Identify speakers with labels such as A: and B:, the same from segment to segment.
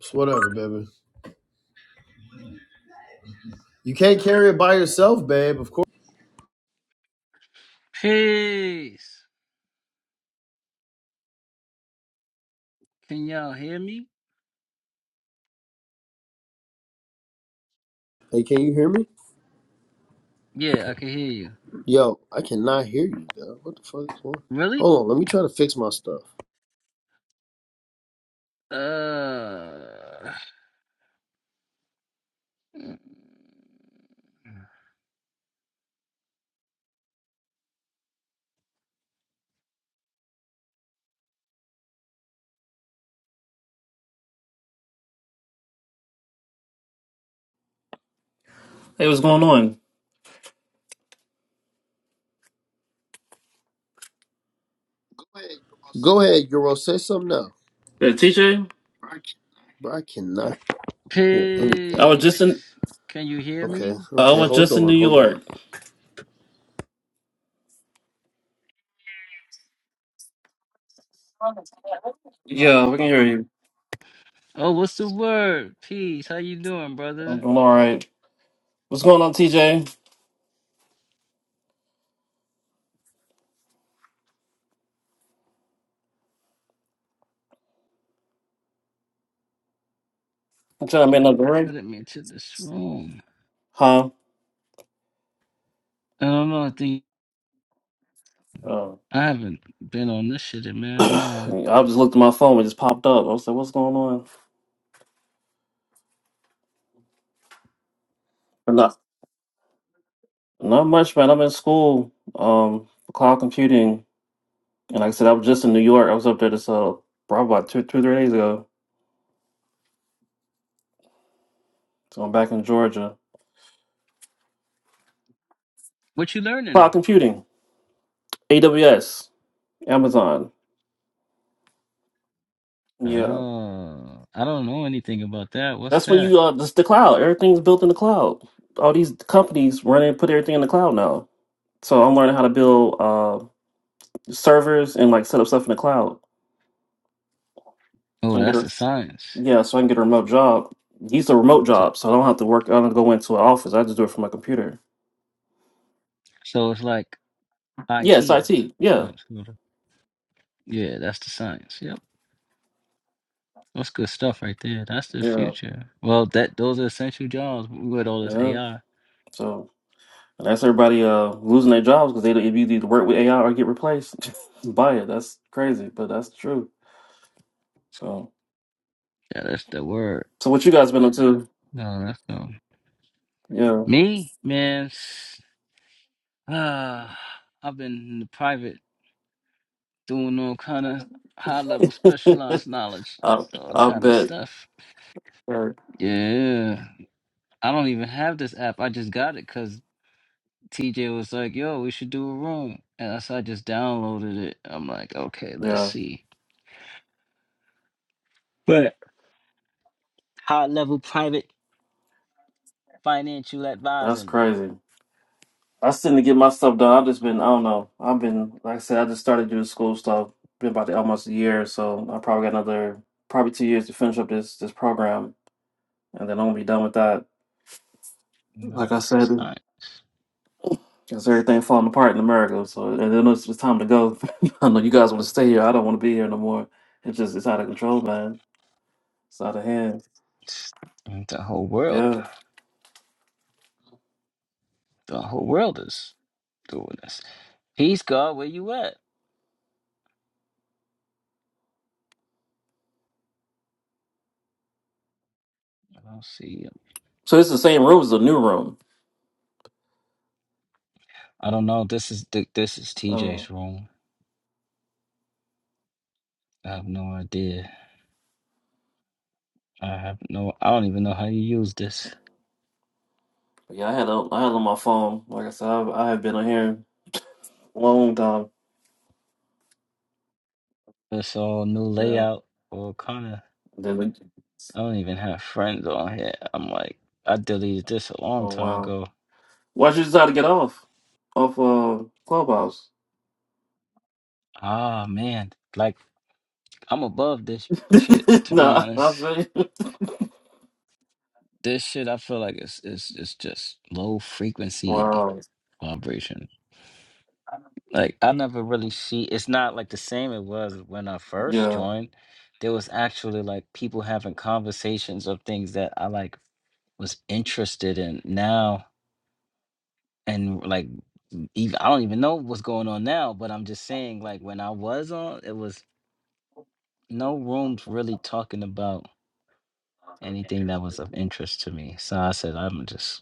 A: It's whatever, baby. You can't carry it by yourself, babe. Of course.
B: Peace. Can y'all hear me?
A: Hey, can you hear me?
B: Yeah, I can hear you.
A: Yo, I cannot hear you, though. What the fuck is going? on?
B: Really?
A: Hold on, let me try to fix my stuff.
B: Uh.
C: Hey, what's going on?
A: Go ahead, Euro. Say something now,
C: Hey, TJ,
A: bro. I cannot hear anything.
C: I was just in
B: Peace. Can you hear
A: Okay,
B: me?
C: I
A: okay.
C: was
A: Hold
C: just in New
A: on, hold on.
C: York. Yeah, we can hear you.
B: Oh, what's the word? Peace. How you doing,
C: I'm
B: brother?
C: doing all right. What's going on, TJ? I'm trying to make another
B: I
C: ring.
B: didn't mean to this room.
C: Huh?
B: I don't know. I think
C: Uh,
B: I haven't been on this shit in man long.
C: I just looked at my phone. It just popped up. I was like, "What's going on?" But not not much, man. I'm in school, um, for cloud computing, and like I said, I was just in New York. I was up there this uh, probably about two, two, three days ago. So I'm back in Georgia.
B: What you
C: Cloud
B: learning?
C: computing, AWS, Amazon. Yeah.
B: Oh, I don't know anything about that. What's
C: That's when
B: that?
C: you uh, this the cloud. Everything's built in the cloud. All these companies run and put everything in the cloud now. So I'm learning how to build uh, servers and like set up stuff in the cloud. So
B: Oh,
C: I can get
B: that's a
C: a
B: science.
C: yeah, so I can get a remote job. These are remote
B: So,
C: jobs, so I don't have to work. I don't go into an office. I just do it from my computer.
B: so it's like
C: Yeah, it's
B: IT
C: IT. Yeah,
B: science. Yeah, that's the science. Yep. That's good stuff right there. That's the
C: yeah,
B: future. Well, that those are essential jobs with all this
C: yeah.
B: AI.
C: So and that's everybody uh, losing their jobs because they don't- if you either work with AI or get replaced by it. That's crazy, but that's true. So
B: Yeah, that's the word.
C: so what you guys been up to?
B: No, that's no. Me, man, s- Ah, I've been in the private doing all kind of high level
C: Yeah.
B: specialized knowledge,
C: I,
B: all
C: I
B: kind of
C: bet.
B: stuff.
C: Uh,
B: Yeah. I don't even have this app. I just got it because TJ was like, yo, we should do a room. And so I just downloaded it. I'm like, okay, let's
C: Yeah,
B: see. But high level private financial
C: that's
B: advising.
C: crazy. I still need to get my stuff done. I've just been, I don't know. I've been, like I said, I just started doing school stuff. Been about almost a year, so I probably got another, probably two years to finish up this this program, and then I'm gonna be done with that.
B: No,
C: Like I
B: that's
C: said,
B: just not
C: it's everything falling apart in America, so and then it's, it's time to go. I know you guys want to stay here. I don't want to be here no more. It's just it's out of control, man. It's out of hand.
B: it's- the whole world.
C: Yeah.
B: The whole world is doing this. Peace, God. Where you at? I don't see you.
C: So it's the same room as the new room.
B: I don't know. This is th- this is
C: Oh.
B: TJ's room. I have no idea. I have no. I don't even know how you use this.
C: Yeah, I had a, I had on my phone. Like I said, I've, I have been on here a long time.
B: It's all new
C: Yeah.
B: layout or kind of.
C: Then we-
B: I don't even have friends on here. I'm like, I deleted this a long
C: oh
B: time
C: wow,
B: ago.
C: why'd you decide to get off off uh clubhouse?
B: Ah man, like I'm above this shit to be
C: nah, I
B: honest.
C: feel you.
B: this shit I feel like it's it's it's just low frequency
C: Wow.
B: vibration. Like I never really see it's not like the same it was when I first
C: Yeah.
B: joined. There was actually like people having conversations of things that I like was interested in now and like even I don't even know what's going on now, but I'm just saying like when I was on it was no rooms really talking about anything that was of interest to me. So I said I'm just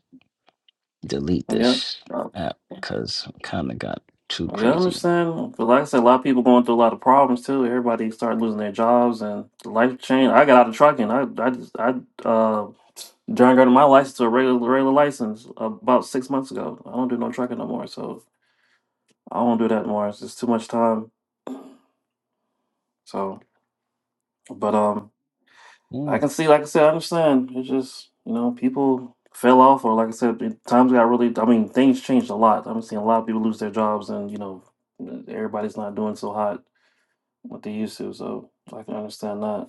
B: delete
C: Yeah.
B: this
C: Uh,
B: app because kind of got too
C: Yeah, I
B: crazy.
C: understand. But like I said, a lot of people going through a lot of problems too. Everybody started losing their jobs and the life changed. I got out of trucking. I I just I uh downgraded my license to a regular regular license about six months ago. I don't do no trucking no more. So I won't do that anymore. It's just too much time. So, but um, I
B: Mm,
C: can see. Like I said, I understand. It's just you know people fell off, or like I said, it- times got really. I mean, things changed a lot. I'm seeing a lot of people lose their jobs, and you know everybody's not doing so hot what they used to. So I can understand that.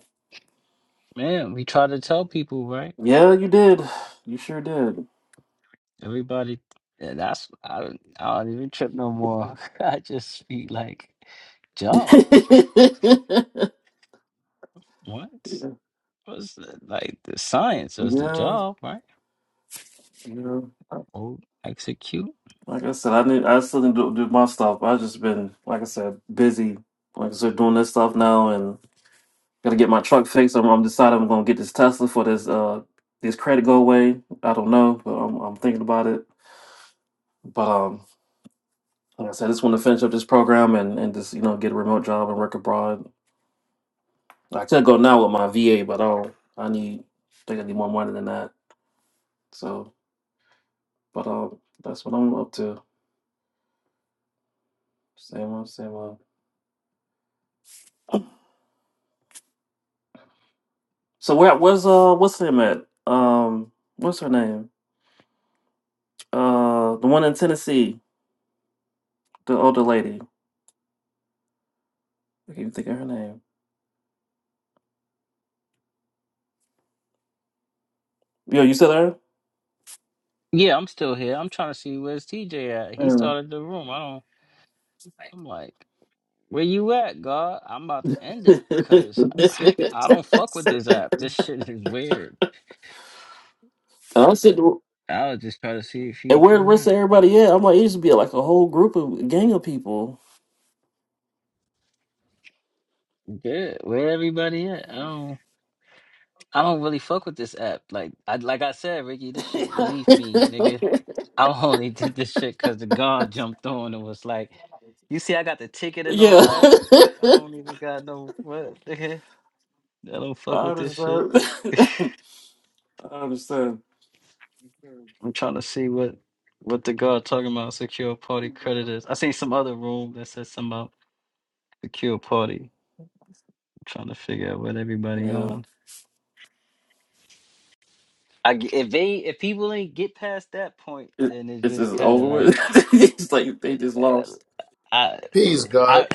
B: man, we try to tell people, right?
C: Yeah, you did. You sure did.
B: Everybody, and that's I don't, I don't even trip no more. I just be like, job.
C: yeah.
B: what was the, like the science was the
C: Yeah,
B: job, right?
C: yeah.
B: Oh, execute.
C: Like I said, I need. I still didn't do, do my stuff. I've just been, like I said, busy. Like I said, doing this stuff now, Gotta get my truck fixed. I'm, I'm decided I'm gonna get this Tesla for this uh this credit go away. I don't know, but I'm I'm thinking about it. But um, like I said, I just want to finish up this program and and just you know get a remote job and work abroad. I could go now with my VA, but I don't. I need. I think I need more money than that. So, but um, that's what I'm up to. Same one, same one. So where where's uh what's her name at? Um, what's her name? Uh, the one in Tennessee, the older lady. I can't even think of her name. Yo, you said
B: Yeah, I'm still here. I'm trying to see where's TJ at. He
C: her?
B: started the room. I don't. I'm like, where you at, God? I'm about to end
C: I
B: it because I don't fuck with this app. This shit is weird.
C: said,
B: I was just trying to see if
C: and
B: he'd
C: where the
B: come
C: rest of
B: back.
C: everybody at? I'm like, it used to be like a whole group of gang of people.
B: Good. Where everybody at? I don't. I don't really fuck with this app. Like I like I said, Ricky, this shit beneath me, nigga. I only did this shit because the guard jumped on and was like, "You see, I got the ticket and
C: yeah.
B: all that. I don't even got no what, nigga. I don't
C: I
B: fuck with this shit."
C: understand. I understand.
B: I'm trying to see what what the guard talking about secure party credit is. I seen some other room that said something about secure party. I'm trying to figure out what everybody
C: Yeah.
B: on. I g if they if people ain't get past that point,
C: It,
B: then it's
C: it's
B: just
C: just
B: kind
C: over
B: of like
C: with. it's like they just
B: uh,
C: lost.
B: I
A: Peace, God.
B: I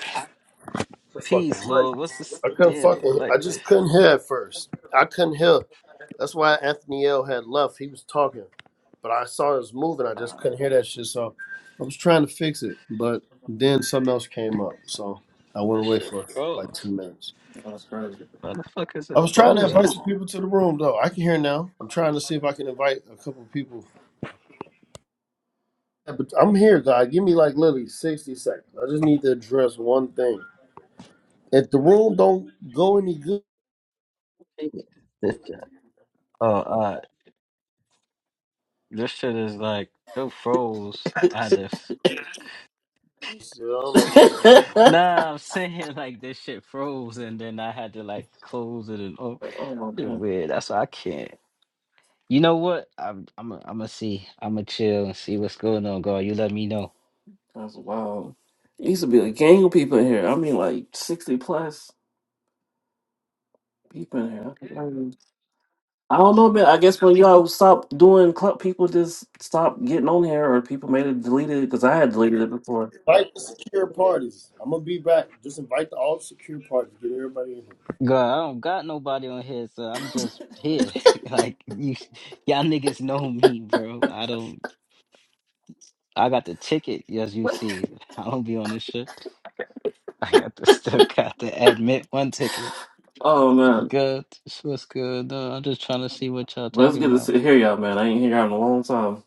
A: The fucking
B: peace,
A: mic.
B: Lord. What's this
A: I couldn't
B: damn
A: fucking. I
B: like?
A: just couldn't hear at first. I couldn't hear. That's why Anthony L had left. He was talking, but I saw it was moving. I just
B: Uh,
A: couldn't hear that shit. So I was trying to fix it, but then something else came up. So I went
B: this
A: away
B: shit
A: for like two
B: froze.
A: minutes.
C: Oh, That's crazy.
B: Motherfuckers are
A: I was trying to invite
B: frozen.
A: some people to the room though. I can hear now. I'm trying to see if I can invite a couple people. Yeah, But I'm here, God. Give me like literally 60 seconds. I just need to address one thing. If the room don't go any good,
B: Hey, This, oh, uh, this shit is like it froze. I just
A: I don't know what's going on.
C: oh,
B: nah, I'm saying like this shit froze, and then I had to like close it and oh, shit
C: man.
B: weird. That's why I can't. You know what? I'm I'm i I'm gonna see. I'm gonna chill and see what's going on, God. You let me know.
C: That's wild. It used to be a gang of people in here. I mean, like 60 plus people in here. I don't know, man. I guess when y'all stopped doing club, people just stopped getting on here, or people made it deleted because I had deleted it before.
A: Invite the secure parties. I'm gonna be back. Just invite the all secure parties. Get everybody in here.
B: God, I don't got nobody on here, so I'm just here. like you, y'all niggas know me, bro. I don't. I got the ticket, as you see. I don't be on this shit. I got the still got the admit one ticket.
C: Oh man,
B: Good, so what's good? No, I'm just trying to see what y'all
C: well, it's
B: talking
C: good to
B: about.
C: sit here, y'all, man. I ain't here in a long time.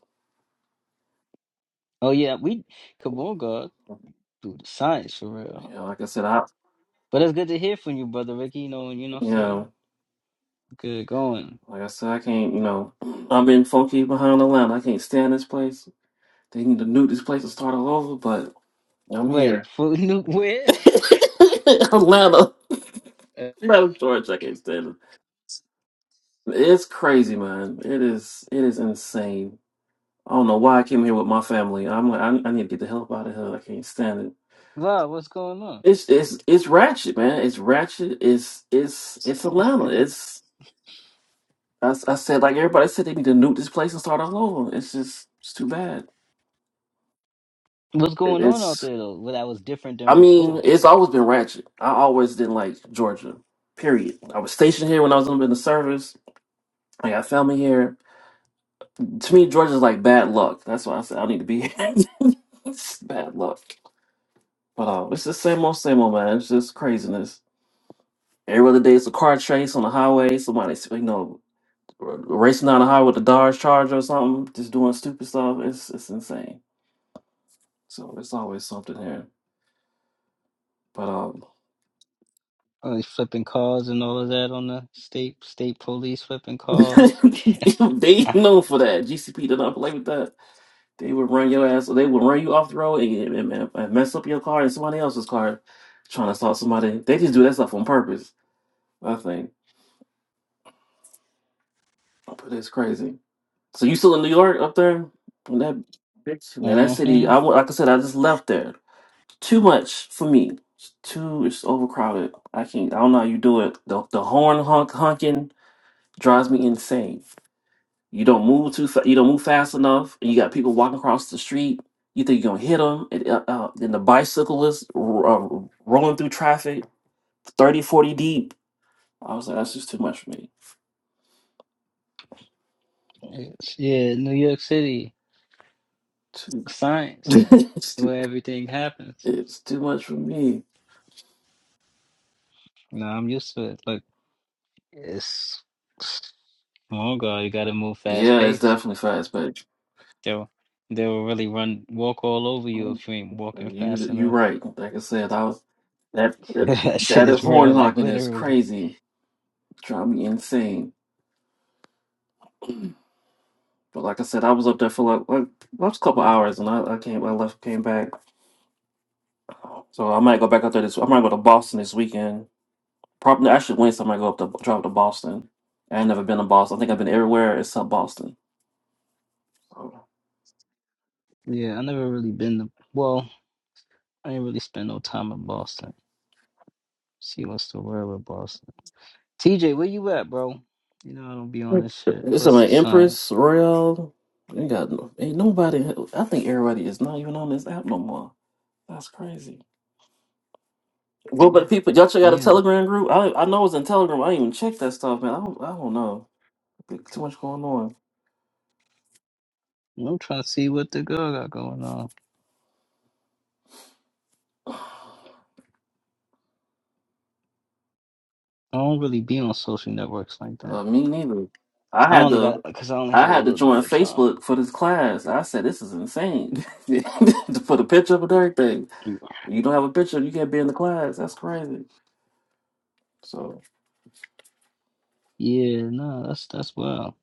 B: Oh yeah, we come on, God, do the science for real.
C: Yeah, like I said, I
B: But it's good to hear from you, brother Ricky. You know, you know what
C: you
B: I'm
C: know,
B: saying. Good going.
C: like I said, I can't. You know, I've been funky behind the line. I can't stand this place. They need to nuke this place and start all over. But I'm
B: Wait,
C: here.
B: for new where?
C: Atlanta, Atlanta, Georgia. I can't stand it. It's crazy, man. It is. It is insane. I don't know why I came here with my family. I'm like, I, I need to get the hell out of here. I can't stand it.
B: Wow, what's going on?
C: It's it's it's ratchet, man. It's ratchet. It's it's it's Atlanta. It's I I said like everybody said they need to nuke this place and start all over. It's just it's too bad.
B: What's
C: It-
B: going on out
C: It's
B: there though? Well, that was different
C: I
B: than
C: mean
B: before.
C: it's always been ratchet. I always didn't like Georgia. Period. I was stationed here when I was in the service. I got family here. To me, Georgia's like bad luck. That's why I said I need to be here. it's bad luck. But uh, it's the same old, same old, man. It's just craziness. Every other day, it's a car chase on the highway. Somebody, you know, r- racing down the highway with a Dodge Charger or something, just doing stupid stuff. It's it's insane. So it's always something here. But um,
B: Oh, they flipping cars and all of that on the state state police flipping cars.
C: they known for that. GCP did not play with that. They would run your ass. They would run you off the road and, and, and and mess up your car and somebody else's car, trying to assault somebody. They just do that stuff on purpose. I think. But it's crazy. So you still in New York up there? In that bitch? In that city?
B: mm-hmm.
C: I, wa- like I said, I just left there. too much for me. It's too it's overcrowded. I can't. I don't know how you do it. The the horn honk honking drives me insane. You don't move too. Fa- you don't move fast enough, and you got people walking across the street. You think you're gonna hit them, and uh, uh, then the bicyclists r- uh, rolling through traffic, 30, 40 deep. I was like, that's just too much for me.
B: Yeah, New York City
C: Too,
B: science,
C: it's too,
B: where everything happens.
C: it's too much for me.
B: No, I'm used to it. Look, it's small girl. You got to move fast
C: Yeah, it's
B: pace.
C: definitely fast, but.
B: They'll they'll really run walk all over you
C: You
B: if you ain't walking fast
C: you
B: enough.
C: right. Like I said, I was that that
B: that shit
C: that is
B: is
C: horn
B: real, like
C: honking is
B: literally.
C: crazy. Drive me insane. But like I said, I was up there for like, like last couple hours, and I, I came I left came back. So I might go back up there this. I might go to Boston this weekend. Probably actually Wednesday. I might go up to drive to Boston. I ain't never been to Boston. I think I've been everywhere except Boston. So
B: Yeah, I never really been to. Well, I didn't really spend no time in Boston. See what's the word with Boston. TJ, where you at, bro? You know I don't be on this shit.
C: it's
B: What's
C: my
B: the
C: Empress
B: science?
C: Royal. Ain't got no- ain't nobody. I think everybody is not even on this app no more. That's crazy. Well, but people, y'all check out a
B: Damn,
C: Telegram group. I I know it's in Telegram. I didn't even check that stuff, man. I don't, I don't know. Too much going on.
B: I'm trying to see what the girl got going on. I don't really be on social networks like that.
C: Uh, me neither. I
B: I
C: had
B: only got
C: to
B: because I only
C: I
B: had a
C: had to
B: little bit
C: join
B: of time.
C: Facebook for this class. I said this is insane. to put a picture up and everything. You don't have a picture, you can't be in the class. That's crazy. So,
B: Yeah, no, that's that's wild.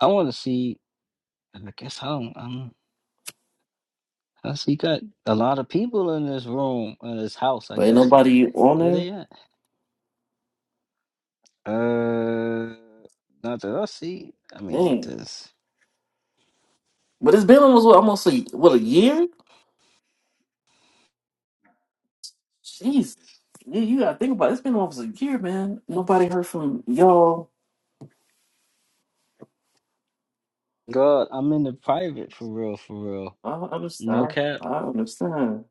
B: I want to see. I guess I don't. I'm, I see got a lot of people in this room in this house. I
C: but ain't
B: guess
C: nobody on
B: where
C: there.
B: they at? Uh, not that I see. I mean,
C: Dang.
B: this
C: But it's been almost what, almost a what a year. Jeez. Yeah, you gotta think about it. It's been almost a year, man. Nobody heard from y'all
B: God, I'm in the private for real, for real.
C: I
B: No
C: understand.
B: cap.
C: I understand.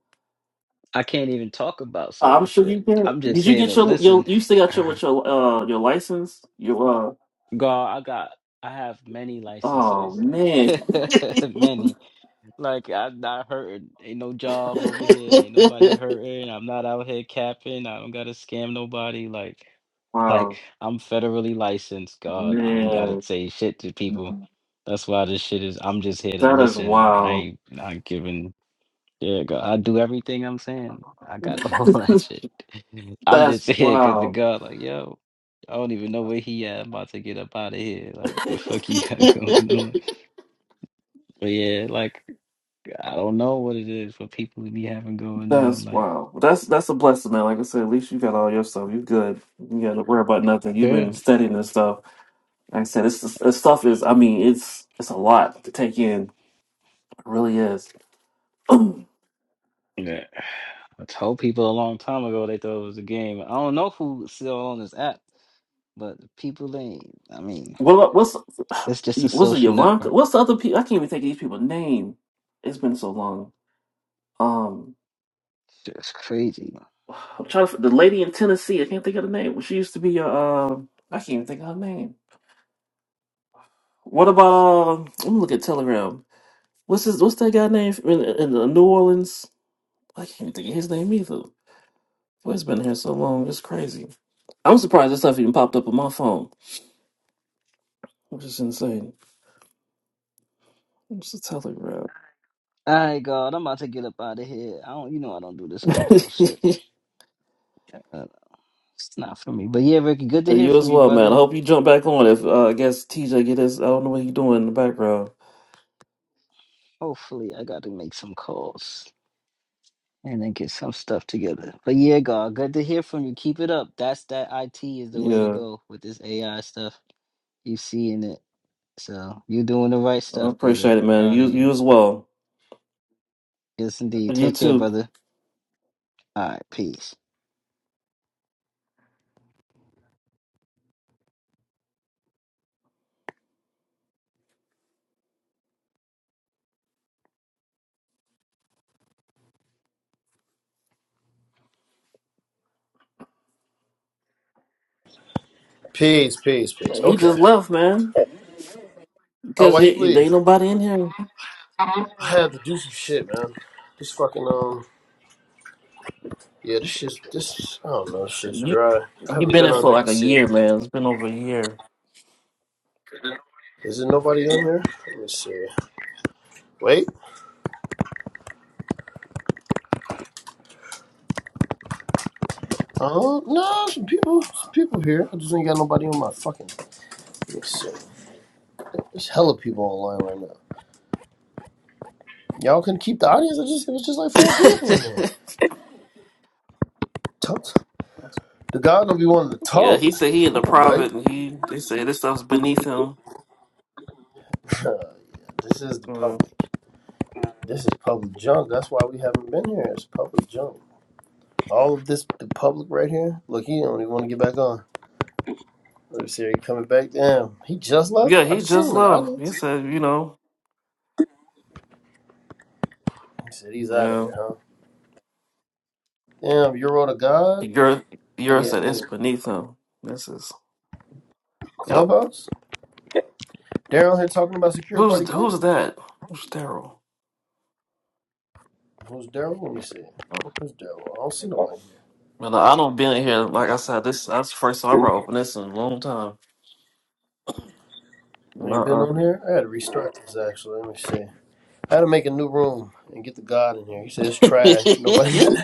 B: I can't even talk about
C: I'm
B: certain
C: sure you
B: shit.
C: did.
B: I'm just
C: Did you
B: here
C: get
B: to
C: your your
B: listen.
C: you still got your with your uh your license? Your
B: God, I got, I have many
C: uh oh
B: licenses,
C: man.
B: many. Like I'm not hurting. Ain't no job over here. Ain't nobody hurting. I'm not out here capping. I don't gotta scam nobody. Like, like
C: wow.
B: I'm federally licensed. God, I don't gotta
C: Man.
B: say shit to people. That's why this shit is. I'm just here to
C: That is
B: listen, and I
C: wild.
B: ain't not giving. Yeah, God, I do everything I'm saying. I got all that shit. I'm
C: that's
B: just here because the
C: wild.
B: God, like, yo, I don't even know where he at. I'm about to get up out of here. Like, the fuck you got going on? But yeah, like. I don't know what it is for people to be having going on.
C: That's
B: Like,
C: wild. That's that's a blessing, man. Like I said, at least you got all your stuff. You good. You gotta worry about nothing. You've
B: yeah,
C: been studying this stuff. Like I said, it's, it's this stuff is I mean, it's it's a lot to take in. It really is. well,
B: yeah. I told people a long time ago they thought it was a game. I don't know who's still on this app, but people ain't. I mean,
C: what's
B: it's just a
C: what's it,
B: social
C: Yvanka?
B: network.
C: What's the other people? I can't even think of these people's name. It's been so long. Um,
B: It's just crazy.
C: I'm trying to the lady in Tennessee. I can't think of the name. She used to be a. Uh, I can't even think of her name. What about? Um, let me look at Telegram. What's his? What's that guy name in, in uh, New Orleans? I can't even think of his name either. Boy, it's been here so long. It's crazy. I'm surprised this stuff even popped up on my phone, which is insane. What's the Telegram?
B: All right, God, I'm about to get up out of here. I don't, you know, I don't do this clubhouse shit. Uh, it's not for me. But yeah, Ricky, good to
C: Uh,
B: hear
C: You
B: from
C: as
B: you,
C: well, man. I
B: brother.
C: hope you jump back on. If uh, I guess TJ get his, I don't know what he doing in the background.
B: Hopefully, I got to make some calls. and then get some stuff together. But yeah, God, good to hear from you. Keep it up. That's that IT is the way to
C: Yeah,
B: go with this AI stuff. You seeing it. So you're doing the right
C: I
B: stuff, brother.
C: appreciate it, man.
B: Proud of
C: You you
B: you.
C: as well.
B: Yes indeed.
C: You
B: Take care,
C: too.
B: brother. All right, peace.
A: Peace, peace, peace.
C: He
A: Okay.
C: just left, man,
A: Oh,
C: because
A: why he
C: there ain't
A: leave?
C: nobody in here.
A: I had to do some shit, man. This fucking um, yeah, this shit's this. I don't know, this shit's
C: You
A: dry. I
C: you
A: haven't
C: been
A: been
C: in
A: on
C: for
A: here.
C: like a
A: Let's see.
C: year, man. It's been over a year.
A: Is there nobody on here? Let me see. Wait. Oh no, some people, some people here. I just ain't got nobody on my fucking. Let me see. There's hella people online right now. Y'all can keep the audience. I just it was just like four people in there. The guy don't be wanting to
C: yeah,
A: talk.
C: he said he in the
A: Come on, guy.
C: private, and he they said this stuff's beneath him.
A: this is the
C: Yeah,
A: public. This is public junk. That's why we haven't been here. It's public junk. All of this, the public right here. Look, he don't even want to get back on. Let me see, are you coming back? Damn, he just left.
C: Yeah,
A: I
C: he
A: just seen
C: just
A: him in the
C: left. He
A: audience.
C: said, you know,
A: He said he's out of
C: yeah.
A: here, huh? Damn, you're all the god,
C: You're
A: nigga, in
C: said it's beneath him. This is yep.
A: clubhouse. Daryl here talking about secure party
C: Who's who's
A: creditors.
C: that? Who's Daryl?
A: Who's Daryl? Let me see.
C: Oh,
A: Who's Daryl? I don't see no one here.
C: Well, I don't been in here. Like I said, this that's the first time I probably opened this in a long time.
A: You ain't been
C: Uh
A: on here. I had to restart this actually. Let me see. I had to make a new room and get the God in here. He said it's trash. Nobody.
C: uh